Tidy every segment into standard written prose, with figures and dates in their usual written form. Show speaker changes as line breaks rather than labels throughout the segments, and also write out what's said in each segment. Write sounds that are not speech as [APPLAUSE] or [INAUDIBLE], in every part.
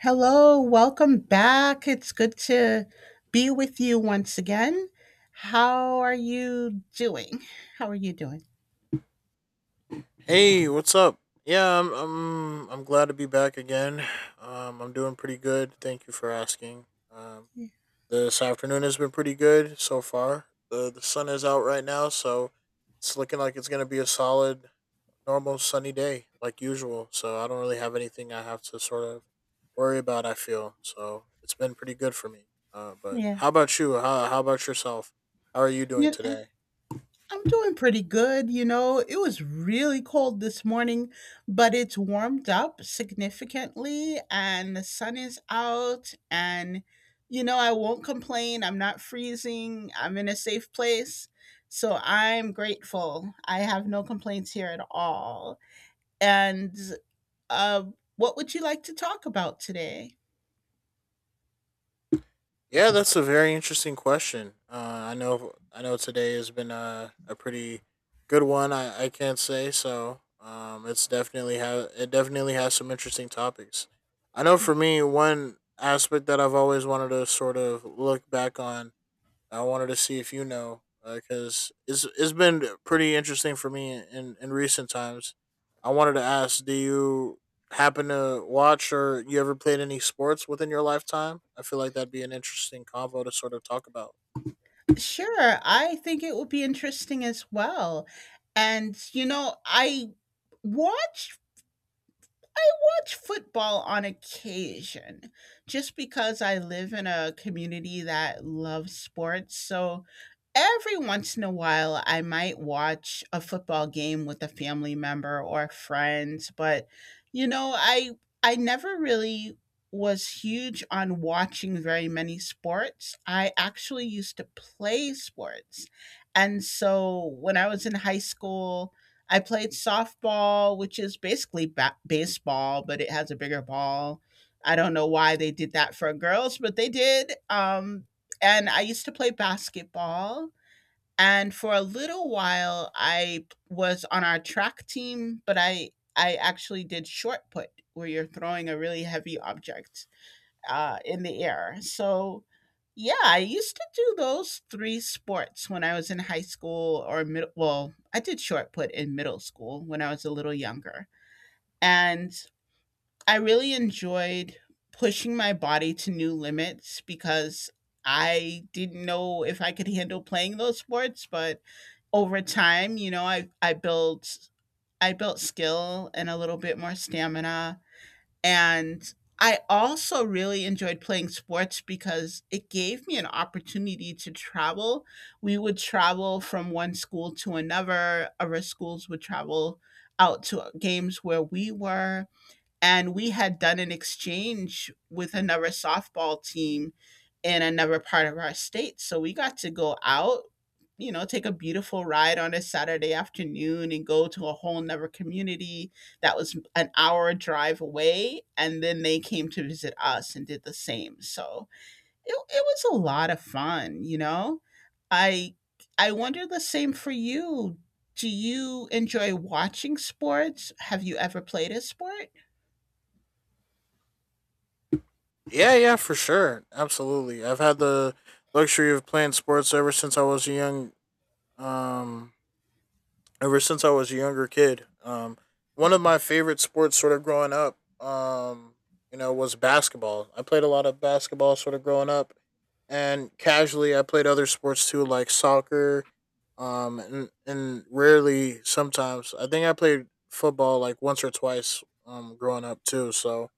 Hello, welcome back. It's good to be with you once again. How are you doing? How are you doing?
Hey, what's up? Yeah, I'm glad to be back again. I'm doing pretty good. Thank you for asking. Um,
Yeah.
this afternoon has been pretty good so far. The sun is out right now, so it's looking like it's gonna be a solid normal sunny day like usual. So I don't really have anything I have to sort of worry about. I feel so it's been pretty good for me. But
Yeah.
how about you? How about yourself? How are you doing
Yeah,
today?
I'm doing pretty good. It was really cold this morning, but it's warmed up significantly and the sun is out, and I won't complain. I'm not freezing. I'm in a safe place. So I'm grateful. I have no complaints here at all, and what would you like to talk about today?
Yeah, that's a very interesting question. I know today has been a pretty good one. I can't say so. It's definitely it definitely has some interesting topics. I know for me, one aspect that I've always wanted to sort of look back on. I wanted to see if, because it's been pretty interesting for me in recent times. I wanted to ask, do you happen to watch or you ever played any sports within your lifetime? I feel like that'd be an interesting convo to sort of talk about. [LAUGHS]
Sure, I think it would be interesting as well. And watched I watch football on occasion, just because I live in a community that loves sports. So every once in a while, I might watch a football game with a family member or friends. But, you know, I, I never really was huge on watching very many sports. I actually used to play sports. And so when I was in high school, I played softball, which is basically baseball, but it has a bigger ball. I don't know why they did that for girls, but they did. And I used to play basketball. And for a little while, I was on our track team, but I actually did short put, where you're throwing a really heavy object in the air. So, yeah, I used to do those three sports when I was in high school or middle. Well, I did short put in middle school when I was a little younger. And I really enjoyed pushing my body to new limits, because I didn't know if I could handle playing those sports. But over time, I built skill and a little bit more stamina. And I also really enjoyed playing sports, because it gave me an opportunity to travel. We would travel from one school to another. Other schools would travel out to games where we were, and we had done an exchange with another softball team in another part of our state. So we got to go out, take a beautiful ride on a Saturday afternoon and go to a whole nother community that was an hour drive away. And then they came to visit us and did the same. So it was a lot of fun, you know? I I wonder the same for you. Do you enjoy watching sports? Have you ever played a sport?
Yeah, yeah, for sure, absolutely. I've had the luxury of playing sports um ever since I was a younger kid. One of my favorite sports, sort of growing up, um, was basketball. I played a lot of basketball, sort of growing up, and casually I played other sports too, like soccer, and rarely sometimes I think I played football like once or twice, growing up too. So,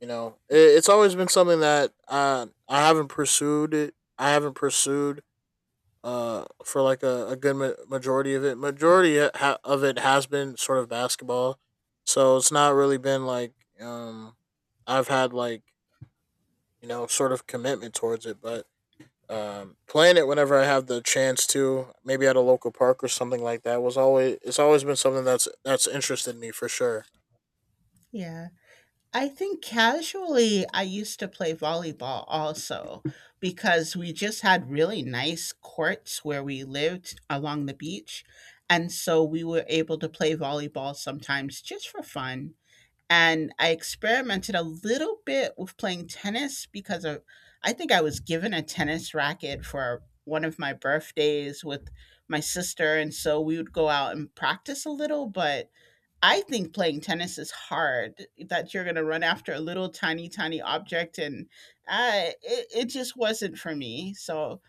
it's always been something that I haven't pursued. It I haven't pursued for like a good majority of it, of it has been sort of basketball, so it's not really been like, um I've had like sort of commitment towards it, but, playing it whenever I have the chance to, maybe at a local park or something like that, was always it's always been something that's interested me for sure.
Yeah. I think casually I used to play volleyball also, because we just had really nice courts where we lived along the beach. And so we were able to play volleyball sometimes just for fun. And I experimented a little bit with playing tennis, because I think I was given a tennis racket for one of my birthdays with my sister. And so we would go out and practice a little, but I think playing tennis is hard, that you're gonna run after a little tiny, tiny object, and it just wasn't for me. So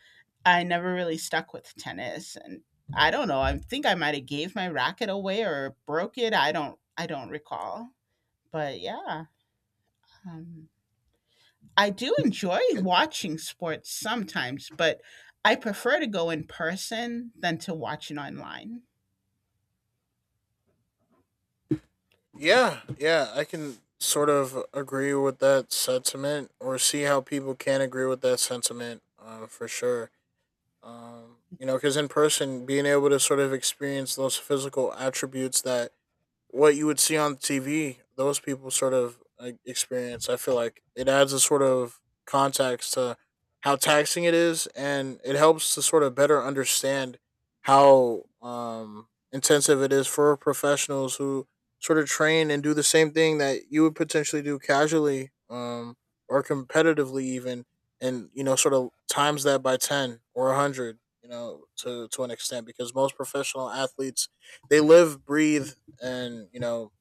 I never really stuck with tennis, and I don't know. I think I might have gave my racket away or broke it. I don't recall. But yeah, um, I do enjoy
Y-
watching sports sometimes, but I prefer to go in person than to watch it online.
yeah, yeah, I can sort of agree with that sentiment, or see how people can agree with that sentiment, for sure. You know, because in person, being able to sort of experience those physical attributes that what you would see on TV, those people sort of like experience. I feel like it adds a sort of context to how taxing it is, and it helps to sort of better understand how, intensive it is for professionals who sort of train and do the same thing that you would potentially do casually, or competitively, even, and, sort of times that by ten or a hundred. You know, to an extent, because most professional athletes, they live, breathe, and,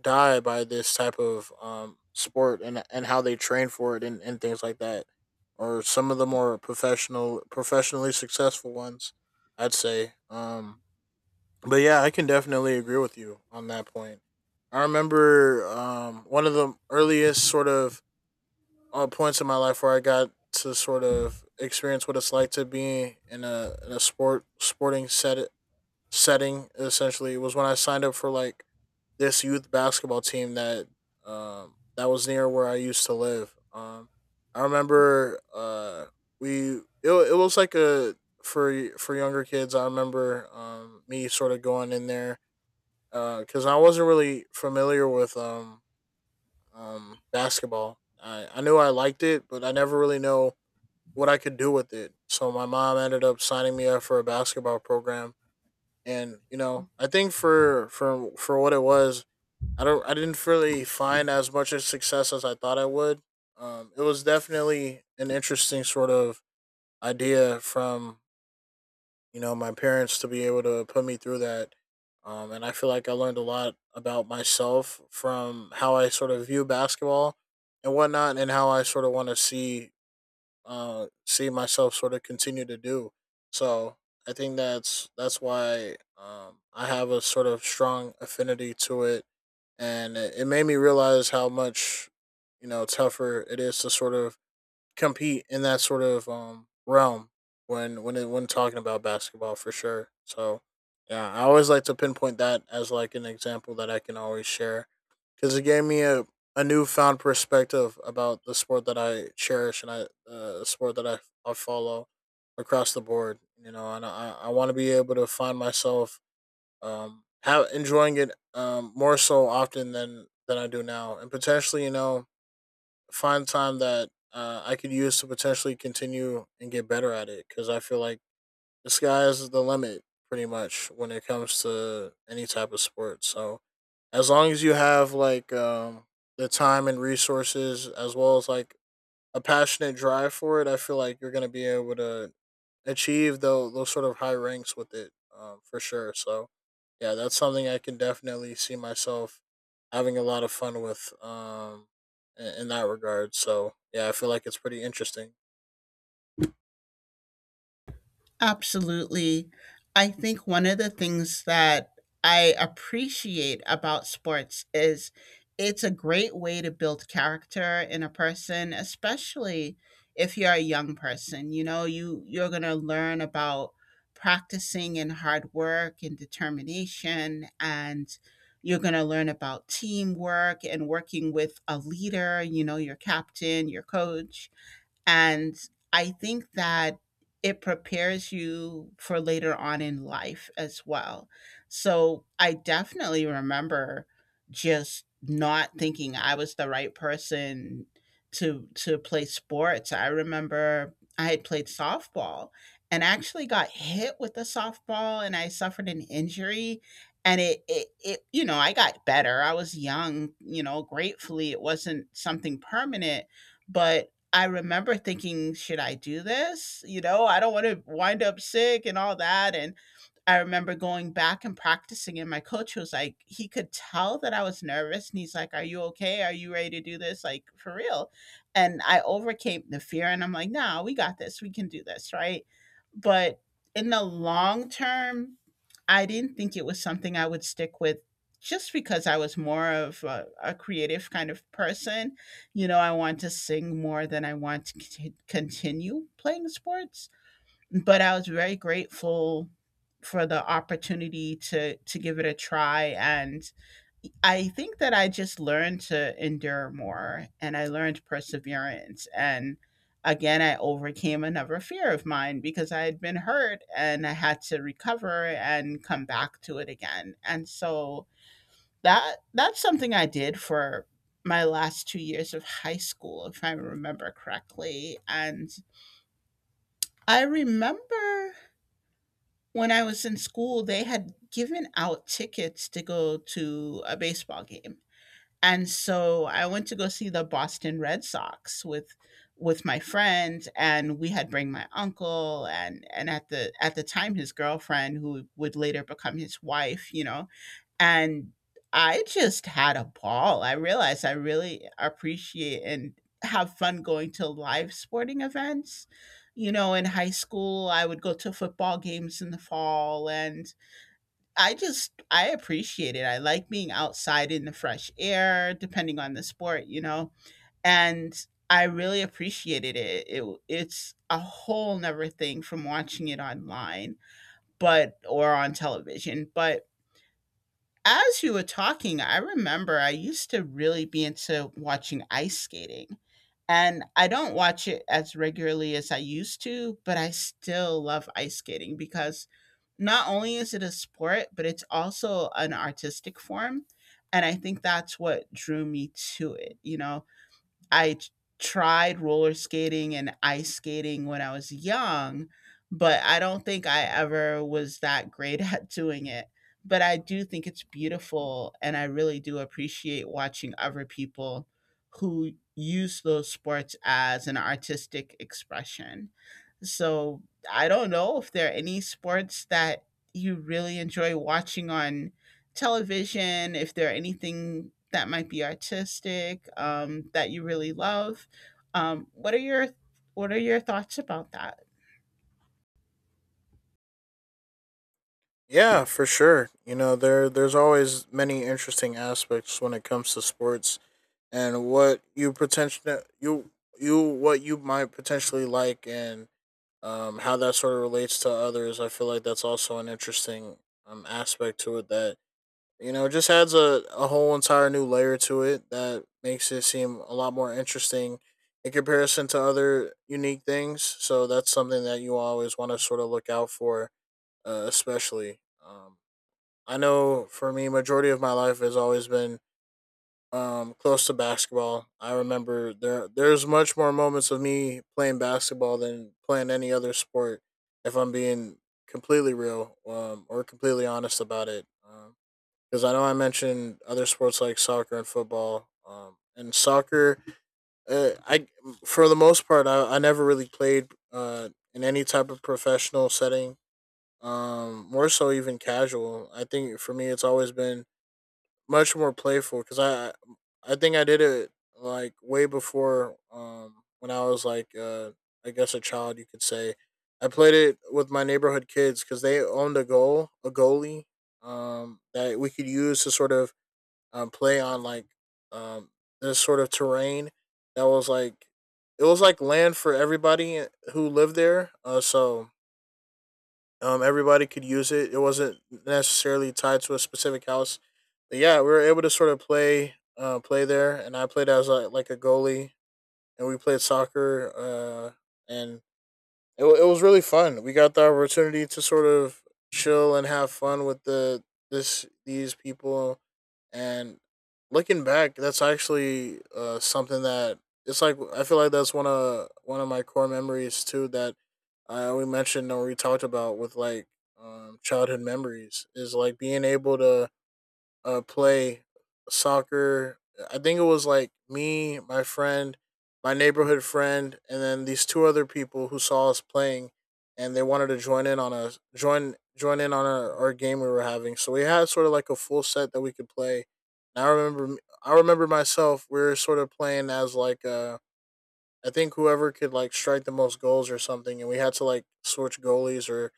die by this type of sport, and how they train for it, and, things like that, or some of the more professionally successful ones, I'd say. But yeah, I can definitely agree with you on that point. I remember, one of the earliest sort of, points in my life where I got to sort of experience what it's like to be in a, sporting setting, essentially, was when I signed up for like this youth basketball team that was near where I used to live. I remember, we it was like a, for younger kids. I remember, me sort of going in there because, I wasn't really familiar with, basketball. I knew I liked it, but I never really know what I could do with it. So my mom ended up signing me up for a basketball program, and, I think for what it was, I don't. I didn't really find as much of success as I thought I would. It was definitely an interesting sort of idea from, my parents, to be able to put me through that, and I feel like I learned a lot about myself from how I sort of view basketball and whatnot, and how I sort of want to see myself sort of continue to do. So I think that's why, I have a sort of strong affinity to it, and it made me realize how much, tougher it is to sort of compete in that sort of, realm when, talking about basketball for sure. So yeah, I always like to pinpoint that as like an example that I can always share, because it gave me a, newfound perspective about the sport that I cherish, and I the sport that I follow, across the board. You know, and I want to be able to find myself have enjoying it, more so often than I do now, and potentially, find time that, I could use to potentially continue and get better at it, because I feel like the sky is the limit pretty much when it comes to any type of sport. So as long as you have like, the time and resources, as well as like a passionate drive for it, I feel like you're gonna be able to achieve those sort of high ranks with it, for sure. So, yeah, that's something I can definitely see myself having a lot of fun with, in that regard. So, yeah, I feel like it's pretty interesting.
Absolutely. I think one of the things that I appreciate about sports is it's a great way to build character in a person, especially if you're a young person. You know, you you're going to learn about practicing and hard work and determination, and you're going to learn about teamwork and working with a leader, your captain, your coach. And I think that it prepares you for later on in life as well. So I definitely remember just not thinking I was the right person to play sports. I remember I had played softball and actually got hit with a softball, and I suffered an injury, and it you know I got better. I was young. Gratefully, it wasn't something permanent, but I remember thinking, "Should I do this?" I don't wanna wind up sick and all that. And I remember going back and practicing, and my coach was like, he could tell that I was nervous, and he's like, "Are you okay? Are you ready to do this? Like for real?" And I overcame the fear, and I'm like, "Nah, we got this. We can do this, right?" But in the long term, I didn't think it was something I would stick with, just because I was more of a creative kind of person. I want to sing more than I want to continue playing sports, but I was very grateful for the opportunity to give it a try. And I think that I just learned to endure more, and I learned perseverance, and again I overcame another fear of mine, because I had been hurt and I had to recover and come back to it again. And so that's something I did for my last 2 years of high school, if I remember correctly. And I remember, when I was in school, they had given out tickets to go to a baseball game. And so I went to go see the Boston Red Sox with my friend, and we had bring my uncle, and at the time his girlfriend, who would later become his wife. And I just had a ball. I realized I really appreciate and have fun going to live sporting events. In high school, I would go to football games in the fall, and I appreciate it. I like being outside in the fresh air, depending on the sport. And I really appreciated it. It's a whole nother thing from watching it online, but or on television. But as you were talking, I remember I used to really be into watching ice skating, and I don't watch it as regularly as I used to, but I still love ice skating, because not only is it a sport, but it's also an artistic form. And I think that's what drew me to it, you know? I tried roller skating and ice skating when I was young, but I don't think I ever was that great [LAUGHS] at doing it. But I do think it's beautiful, and I really do appreciate watching other people who use those sports as an artistic expression. So I don't know if there are any sports that you really enjoy watching on television, if there are anything that might be artistic, that you really love. What are your thoughts about that?
Yeah, for sure. You know, there's always many interesting aspects when it comes to sports and what you might potentially like, and, how that sort of relates to others. I feel like that's also an interesting, aspect to it that You know, it just adds a whole entire new layer to it that makes it seem a lot more interesting in comparison to other unique things. So that's something that you always want to sort of look out for, especially. Um, I know for me, majority of my life has always been, close to basketball. I remember there's much more moments of me playing basketball than playing any other sport, if I'm being completely real, or completely honest about it. Because I know I mentioned other sports like soccer and football. And soccer, I for the most part, I never really played, in any type of professional setting. More so even casual. I think for me, it's always been much more playful because I think I did it like way before, when I was like, I guess a child, you could say. I played it with my neighborhood kids because they owned a a goalie, that we could use to sort of, play on like, um, this sort of terrain that was like land for everybody who lived there. So, everybody could use it. It wasn't necessarily tied to a specific house. But yeah, we were able to sort of play there, and I played as like a goalie, and we played soccer, uh, and it was really fun. We got the opportunity to sort of chill and have fun with these people, and looking back, that's actually, something that it's like I feel like that's one of my core memories too, that, we mentioned, or we talked about with like, childhood memories, is like being able to, play soccer. I think it was like me, my friend, my neighborhood friend, and then these two other people who saw us playing, and they wanted to join in on our game we were having. So we had sort of like a full set that we could play. And I remember myself. We were sort of playing as like a I think whoever could like strike the most goals or something, and we had to like switch goalies,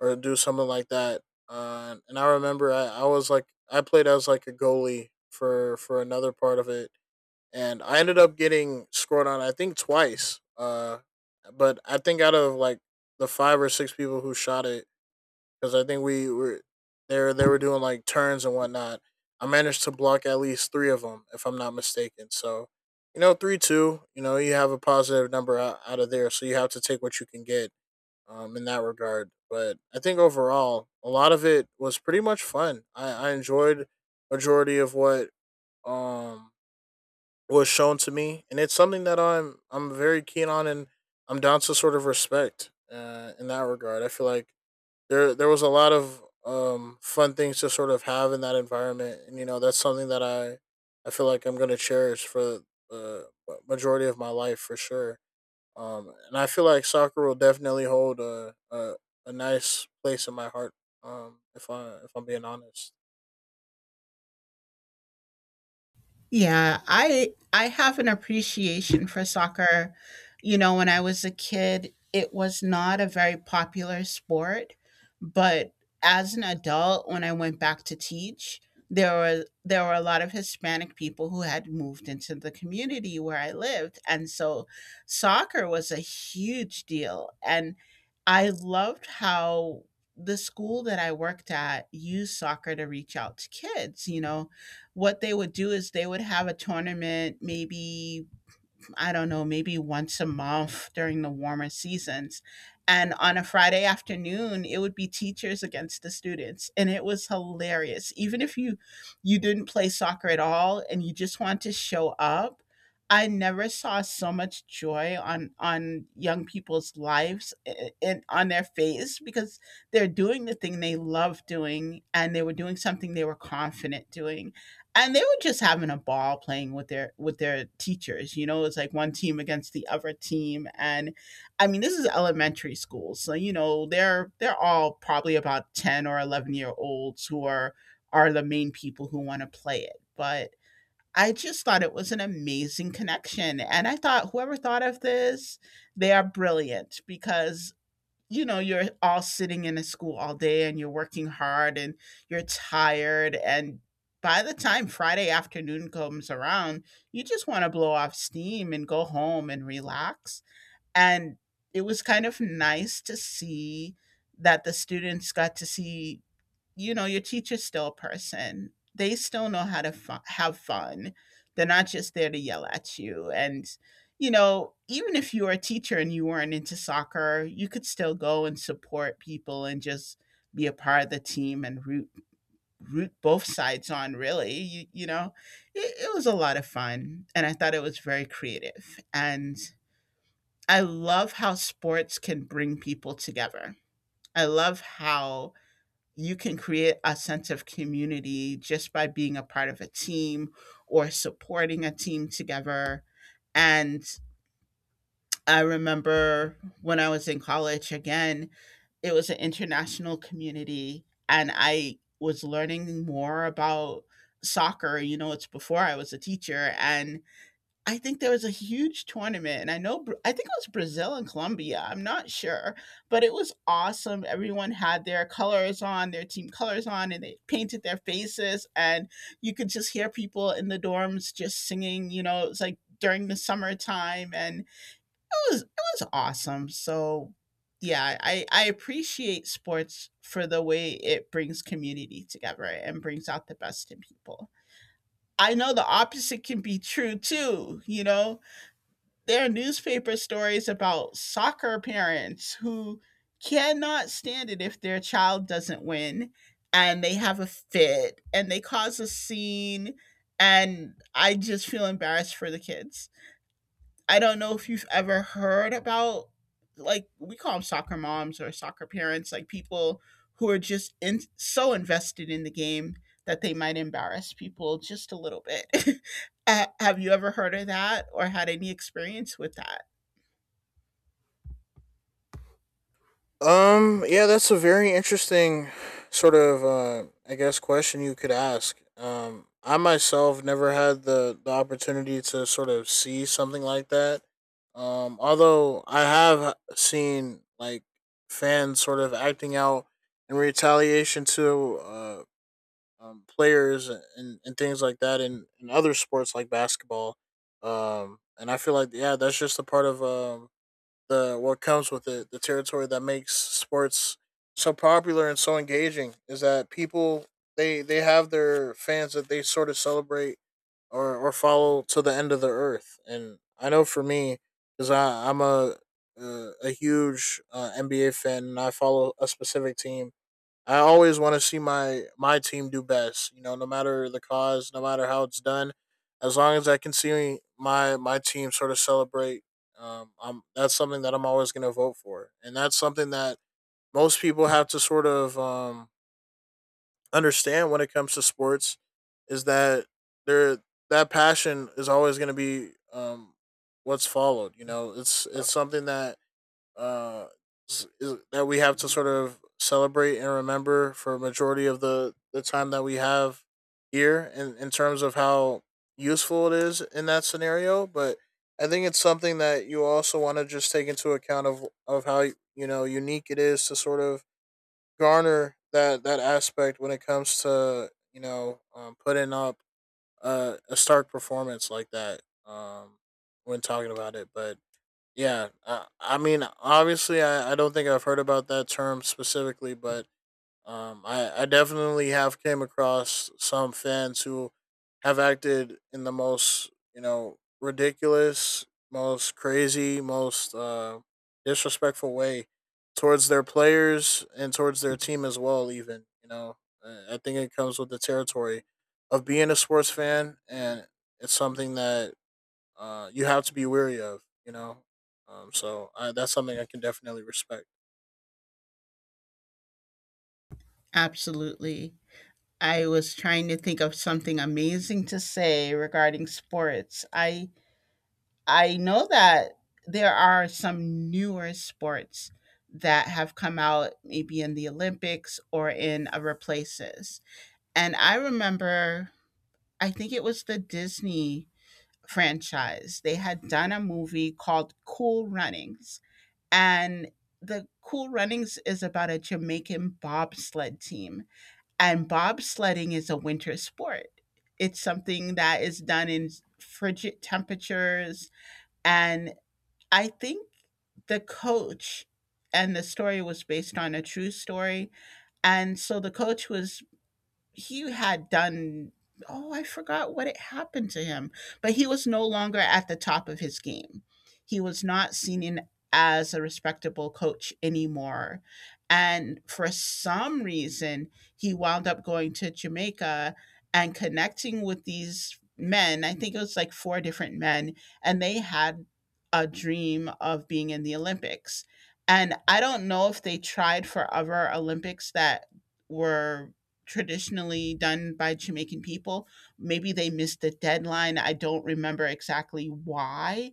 or do something like that. And I remember, I was like I played as like a goalie for another part of it, and I ended up getting scored on I think twice. But I think out of like the five or six people who shot it, because I think we were there. They were doing like turns and whatnot. I managed to block at least three of them, if I'm not mistaken. So, you know, 3-2. You know, you have a positive number out of there, so you have to take what you can get, in that regard. But I think overall, a lot of it was pretty much fun. I enjoyed majority of what um, was shown to me, and it's something that I'm very keen on, and I'm down to sort of respect in that regard. I feel like there was a lot of fun things to sort of have in that environment, and you know that's something that I feel like I'm going to cherish for the majority of my life for sure. And I feel like soccer will definitely hold a nice place in my heart, if I'm being honest.
Yeah, I have an appreciation for soccer. When I was a kid, it was not a very popular sport, but as an adult, when I went back to teach, there were a lot of Hispanic people who had moved into the community where I lived, and so soccer was a huge deal. And I loved how the school that I worked at used soccer to reach out to kids. You know what they would do is they would have a tournament, maybe, I don't know, maybe once a month during the warmer seasons. And on a friday afternoon, it would be teachers against the students, and it was hilarious. Even if you didn't play soccer at all and you just want to show up, I never saw so much joy on young people's lives and on their face, because they're doing the thing they love doing, and they were doing something they were confident doing. And they were just having a ball playing with their teachers. It's like one team against the other team. And I mean, this is elementary school, so they're all probably about 10 or 11-year-olds who are the main people who want to play it. But I just thought it was an amazing connection, and I thought whoever thought of this, they are brilliant. Because you're all sitting in a school all day, and you're working hard, and you're tired. And by the time friday afternoon comes around, you just want to blow off steam and go home and relax. And it was kind of nice to see that the students got to see, your teacher's still a person. They still know how to have fun. They're not just there to yell at you. And, you know, even if you were a teacher and you weren't into soccer, you could still go and support people and just be a part of the team and root both sides on, really. You know it was a lot of fun, and I thought it was very creative. And I love how sports can bring people together. I love how you can create a sense of community just by being a part of a team or supporting a team together. And I remember when I was in college, again, it was an international community, and I was learning more about soccer. You know, it's before I was a teacher. And I think there was a huge tournament, and I know Bra I think it was Brazil and Colombia, I'm not sure, but it was awesome. Everyone had their colors on, their team colors on, and they painted their faces, and you could just hear people in the dorms just singing. It was, like, during the summertime, and it was awesome. So, yeah, I appreciate sports for the way it brings community together and brings out the best in people. I know the opposite can be true too, you know? There are newspaper stories about soccer parents who cannot stand it if their child doesn't win, and they have a fit and they cause a scene. And I just feel embarrassed for the kids. I don't know if you've ever heard about, like, we call them soccer moms or soccer parents, like people who are just so invested in the game that they might embarrass people just a little bit. [LAUGHS] Have you ever heard of that or had any experience with that?
Yeah, that's a very interesting sort of, I guess, question you could ask. I myself never had the opportunity to sort of see something like that. Although I have seen like fans sort of acting out in retaliation to players, and things like that, in other sports like basketball. And I feel like, yeah, that's just a part of the what comes with it, the territory that makes sports so popular and so engaging, is that people, they have their fans that they sort of celebrate or follow to the end of the earth. And I know for me, because I'm a huge NBA fan, and I follow a specific team. I always want to see my team do best. You know, no matter the cause, no matter how it's done, as long as I can see my team sort of celebrate, I'm that's something that I'm always going to vote for, and that's something that most people have to sort of understand when it comes to sports, is that there that passion is always going to be, what's followed. You know, it's something that uh, is, that we have to sort of celebrate and remember for a majority of the time that we have here, in terms of how useful it is in that scenario. But I think it's something that you also want to just take into account of how, you know, unique it is to sort of garner that aspect when it comes to, you know, putting up a stark performance like that, when talking about it. But yeah, I mean, obviously, I don't think I've heard about that term specifically, but I definitely have came across some fans who have acted in the most, you know, ridiculous, most crazy, most disrespectful way towards their players and towards their team as well, even, you know. I think it comes with the territory of being a sports fan, and it's something that you have to be wary of, you know. So that's something I can definitely respect.
Absolutely. I was trying to think of something amazing to say regarding sports. I know that there are some newer sports that have come out, maybe in the Olympics or in other places. And I remember I think it was the Disney franchise. They had done a movie called Cool Runnings, and the Cool Runnings is about a Jamaican bobsled team, and bobsledding is a winter sport. It's something that is done in frigid temperatures. And I think the coach, and the story was based on a true story. And so the coach was, he had done, oh, I forgot what had happened to him, but he was no longer at the top of his game. He was not seen in, as a respectable coach anymore. And for some reason he wound up going to Jamaica and connecting with these men, I think it was like 4 different men, and they had a dream of being in the Olympics. And I don't know if they tried for other Olympics that were traditionally done by Jamaican people. Maybe they missed the deadline. I don't remember exactly why,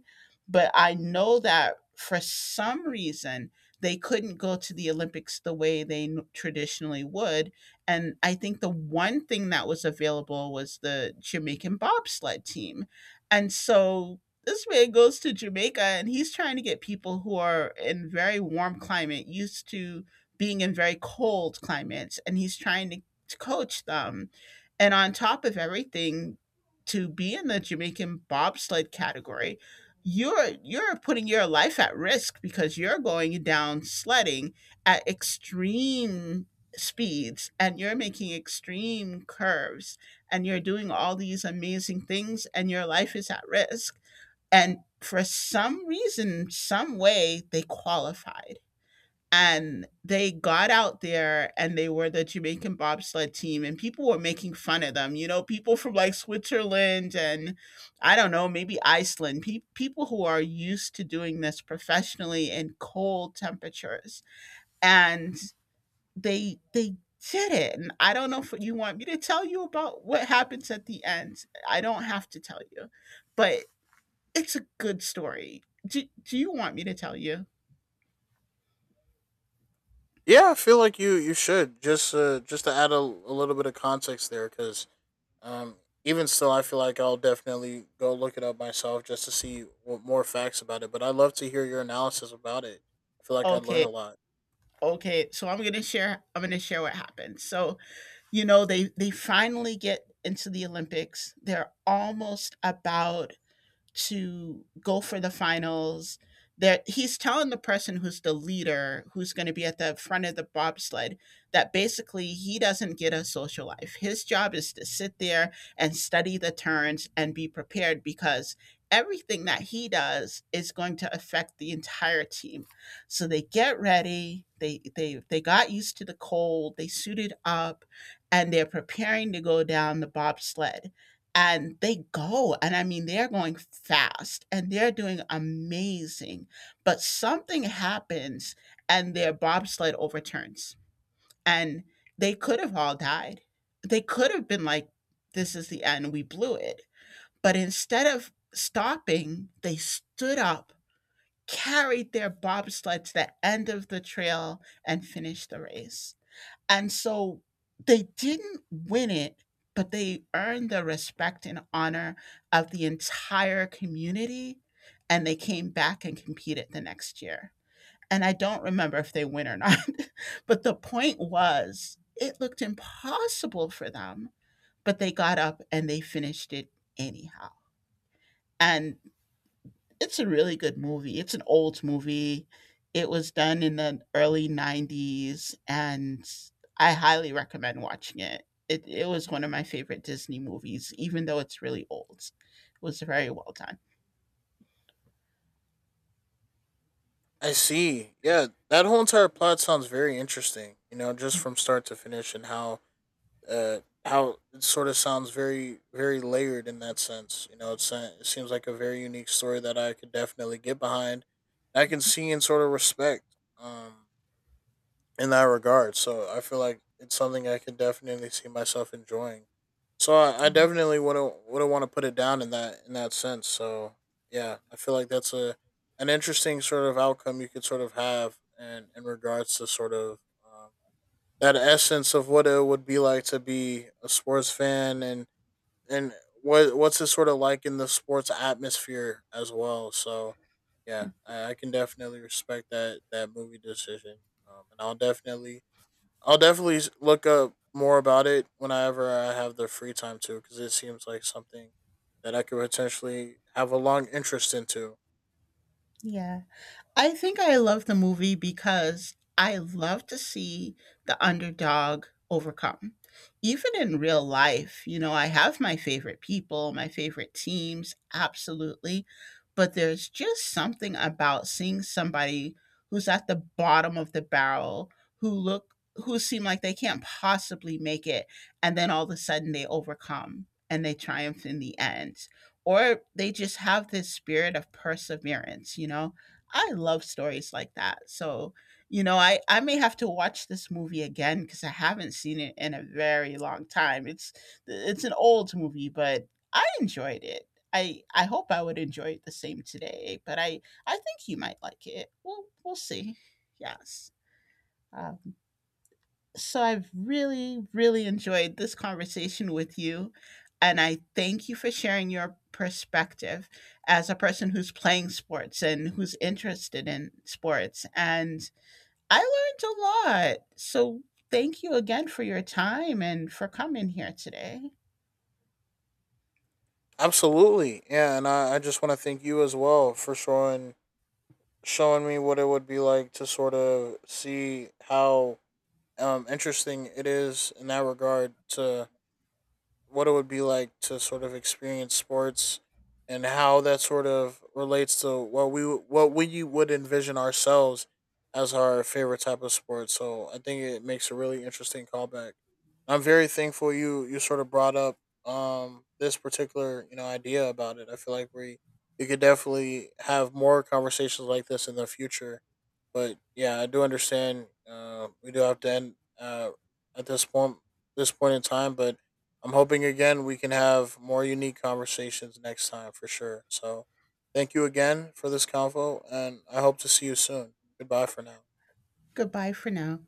but I know that for some reason they couldn't go to the Olympics the way they traditionally would. And I think the one thing that was available was the Jamaican bobsled team. And so this man goes to Jamaica and he's trying to get people who are in very warm climate used to being in very cold climates, and he's trying to coach them. And on top of everything, to be in the Jamaican bobsled category, you're putting your life at risk because you're going down sledding at extreme speeds, and you're making extreme curves, and you're doing all these amazing things, and your life is at risk. And for some reason, some way, they qualified, and they got out there, and they were the Jamaican bobsled team, and people were making fun of them. You know, people from like Switzerland and, I don't know, maybe Iceland, people who are used to doing this professionally in cold temperatures. And they did it. And I don't know if you want me to tell you about what happens at the end. I don't have to tell you. But it's a good story. Do you want me to tell you?
Yeah, I feel like you should just to add a little bit of context there, because um, even still, I feel like I'll definitely go look it up myself just to see what more facts about it. But I'd love to hear your analysis about it. I feel like I'd learn
Okay.
a lot.
Okay, so I'm gonna share what happened. So you know, they finally get into the Olympics. They're almost about to go for the finals. That he's telling the person who's the leader, who's going to be at the front of the bobsled, that basically he doesn't get a social life. His job is to sit there and study the turns and be prepared, because everything that he does is going to affect the entire team. So they get ready, they got used to the cold, they suited up, and they're preparing to go down the bobsled, and they go, and I mean, they're going fast and they're doing amazing. But something happens and their bobsled overturns, and they could have all died. They could have been like, this is the end, we blew it. But instead of stopping, they stood up, carried their bobsled to the end of the trail, and finished the race. And so they didn't win it, but they earned the respect and honor of the entire community. And they came back and competed the next year. And I don't remember if they win or not, [LAUGHS] but the point was, it looked impossible for them, but they got up and they finished it anyhow. And it's a really good movie. It's an old movie. It was done in the early 90s, and I highly recommend watching it. It was one of my favorite Disney movies, even though it's really old. It was very well done.
I see. Yeah, that whole entire plot sounds very interesting. You know, just from start to finish, and uh, how it sort of sounds very layered in that sense. You know, it seems like a very unique story that I could definitely get behind. I can see and sort of respect, um, in that regard. So I feel like it's something I could definitely see myself enjoying. So I definitely wouldn't want to put it down in that sense. So yeah, I feel like that's a an interesting sort of outcome you could sort of have, and in regards to sort of um, that essence of what it would be like to be a sports fan, and what's it sort of like in the sports atmosphere as well. So yeah, I can definitely respect that movie decision, and I'll definitely look up more about it whenever I have the free time to, because it seems like something that I could potentially have a long interest into.
Yeah. I think I love the movie because I love to see the underdog overcome. Even in real life, you know, I have my favorite people, my favorite teams, absolutely. But there's just something about seeing somebody who's at the bottom of the barrel, who seem like they can't possibly make it, and then all of a sudden they overcome and they triumph in the end. Or they just have this spirit of perseverance, you know? I love stories like that. So, you know, I may have to watch this movie again because I haven't seen it in a very long time. It's an old movie, but I enjoyed it. I hope I would enjoy it the same today, but I think you might like it. We'll see. Yes. Um, so I've really, really enjoyed this conversation with you. And I thank you for sharing your perspective as a person who's playing sports and who's interested in sports. And I learned a lot. So thank you again for your time and for coming here today.
Absolutely, yeah, and I just want to thank you as well for showing showing me what it would be like to sort of see how interesting it is in that regard to what it would be like to sort of experience sports, and how that sort of relates to what we would envision ourselves as our favorite type of sport. So I think it makes a really interesting callback. I'm very thankful you sort of brought up this particular, you know, idea about it. I feel like we could definitely have more conversations like this in the future. But yeah, I do understand. We do have to end, uh, at this point in time, but I'm hoping again we can have more unique conversations next time for sure. So thank you again for this convo, and I hope to see you soon. Goodbye for now.
Goodbye for now.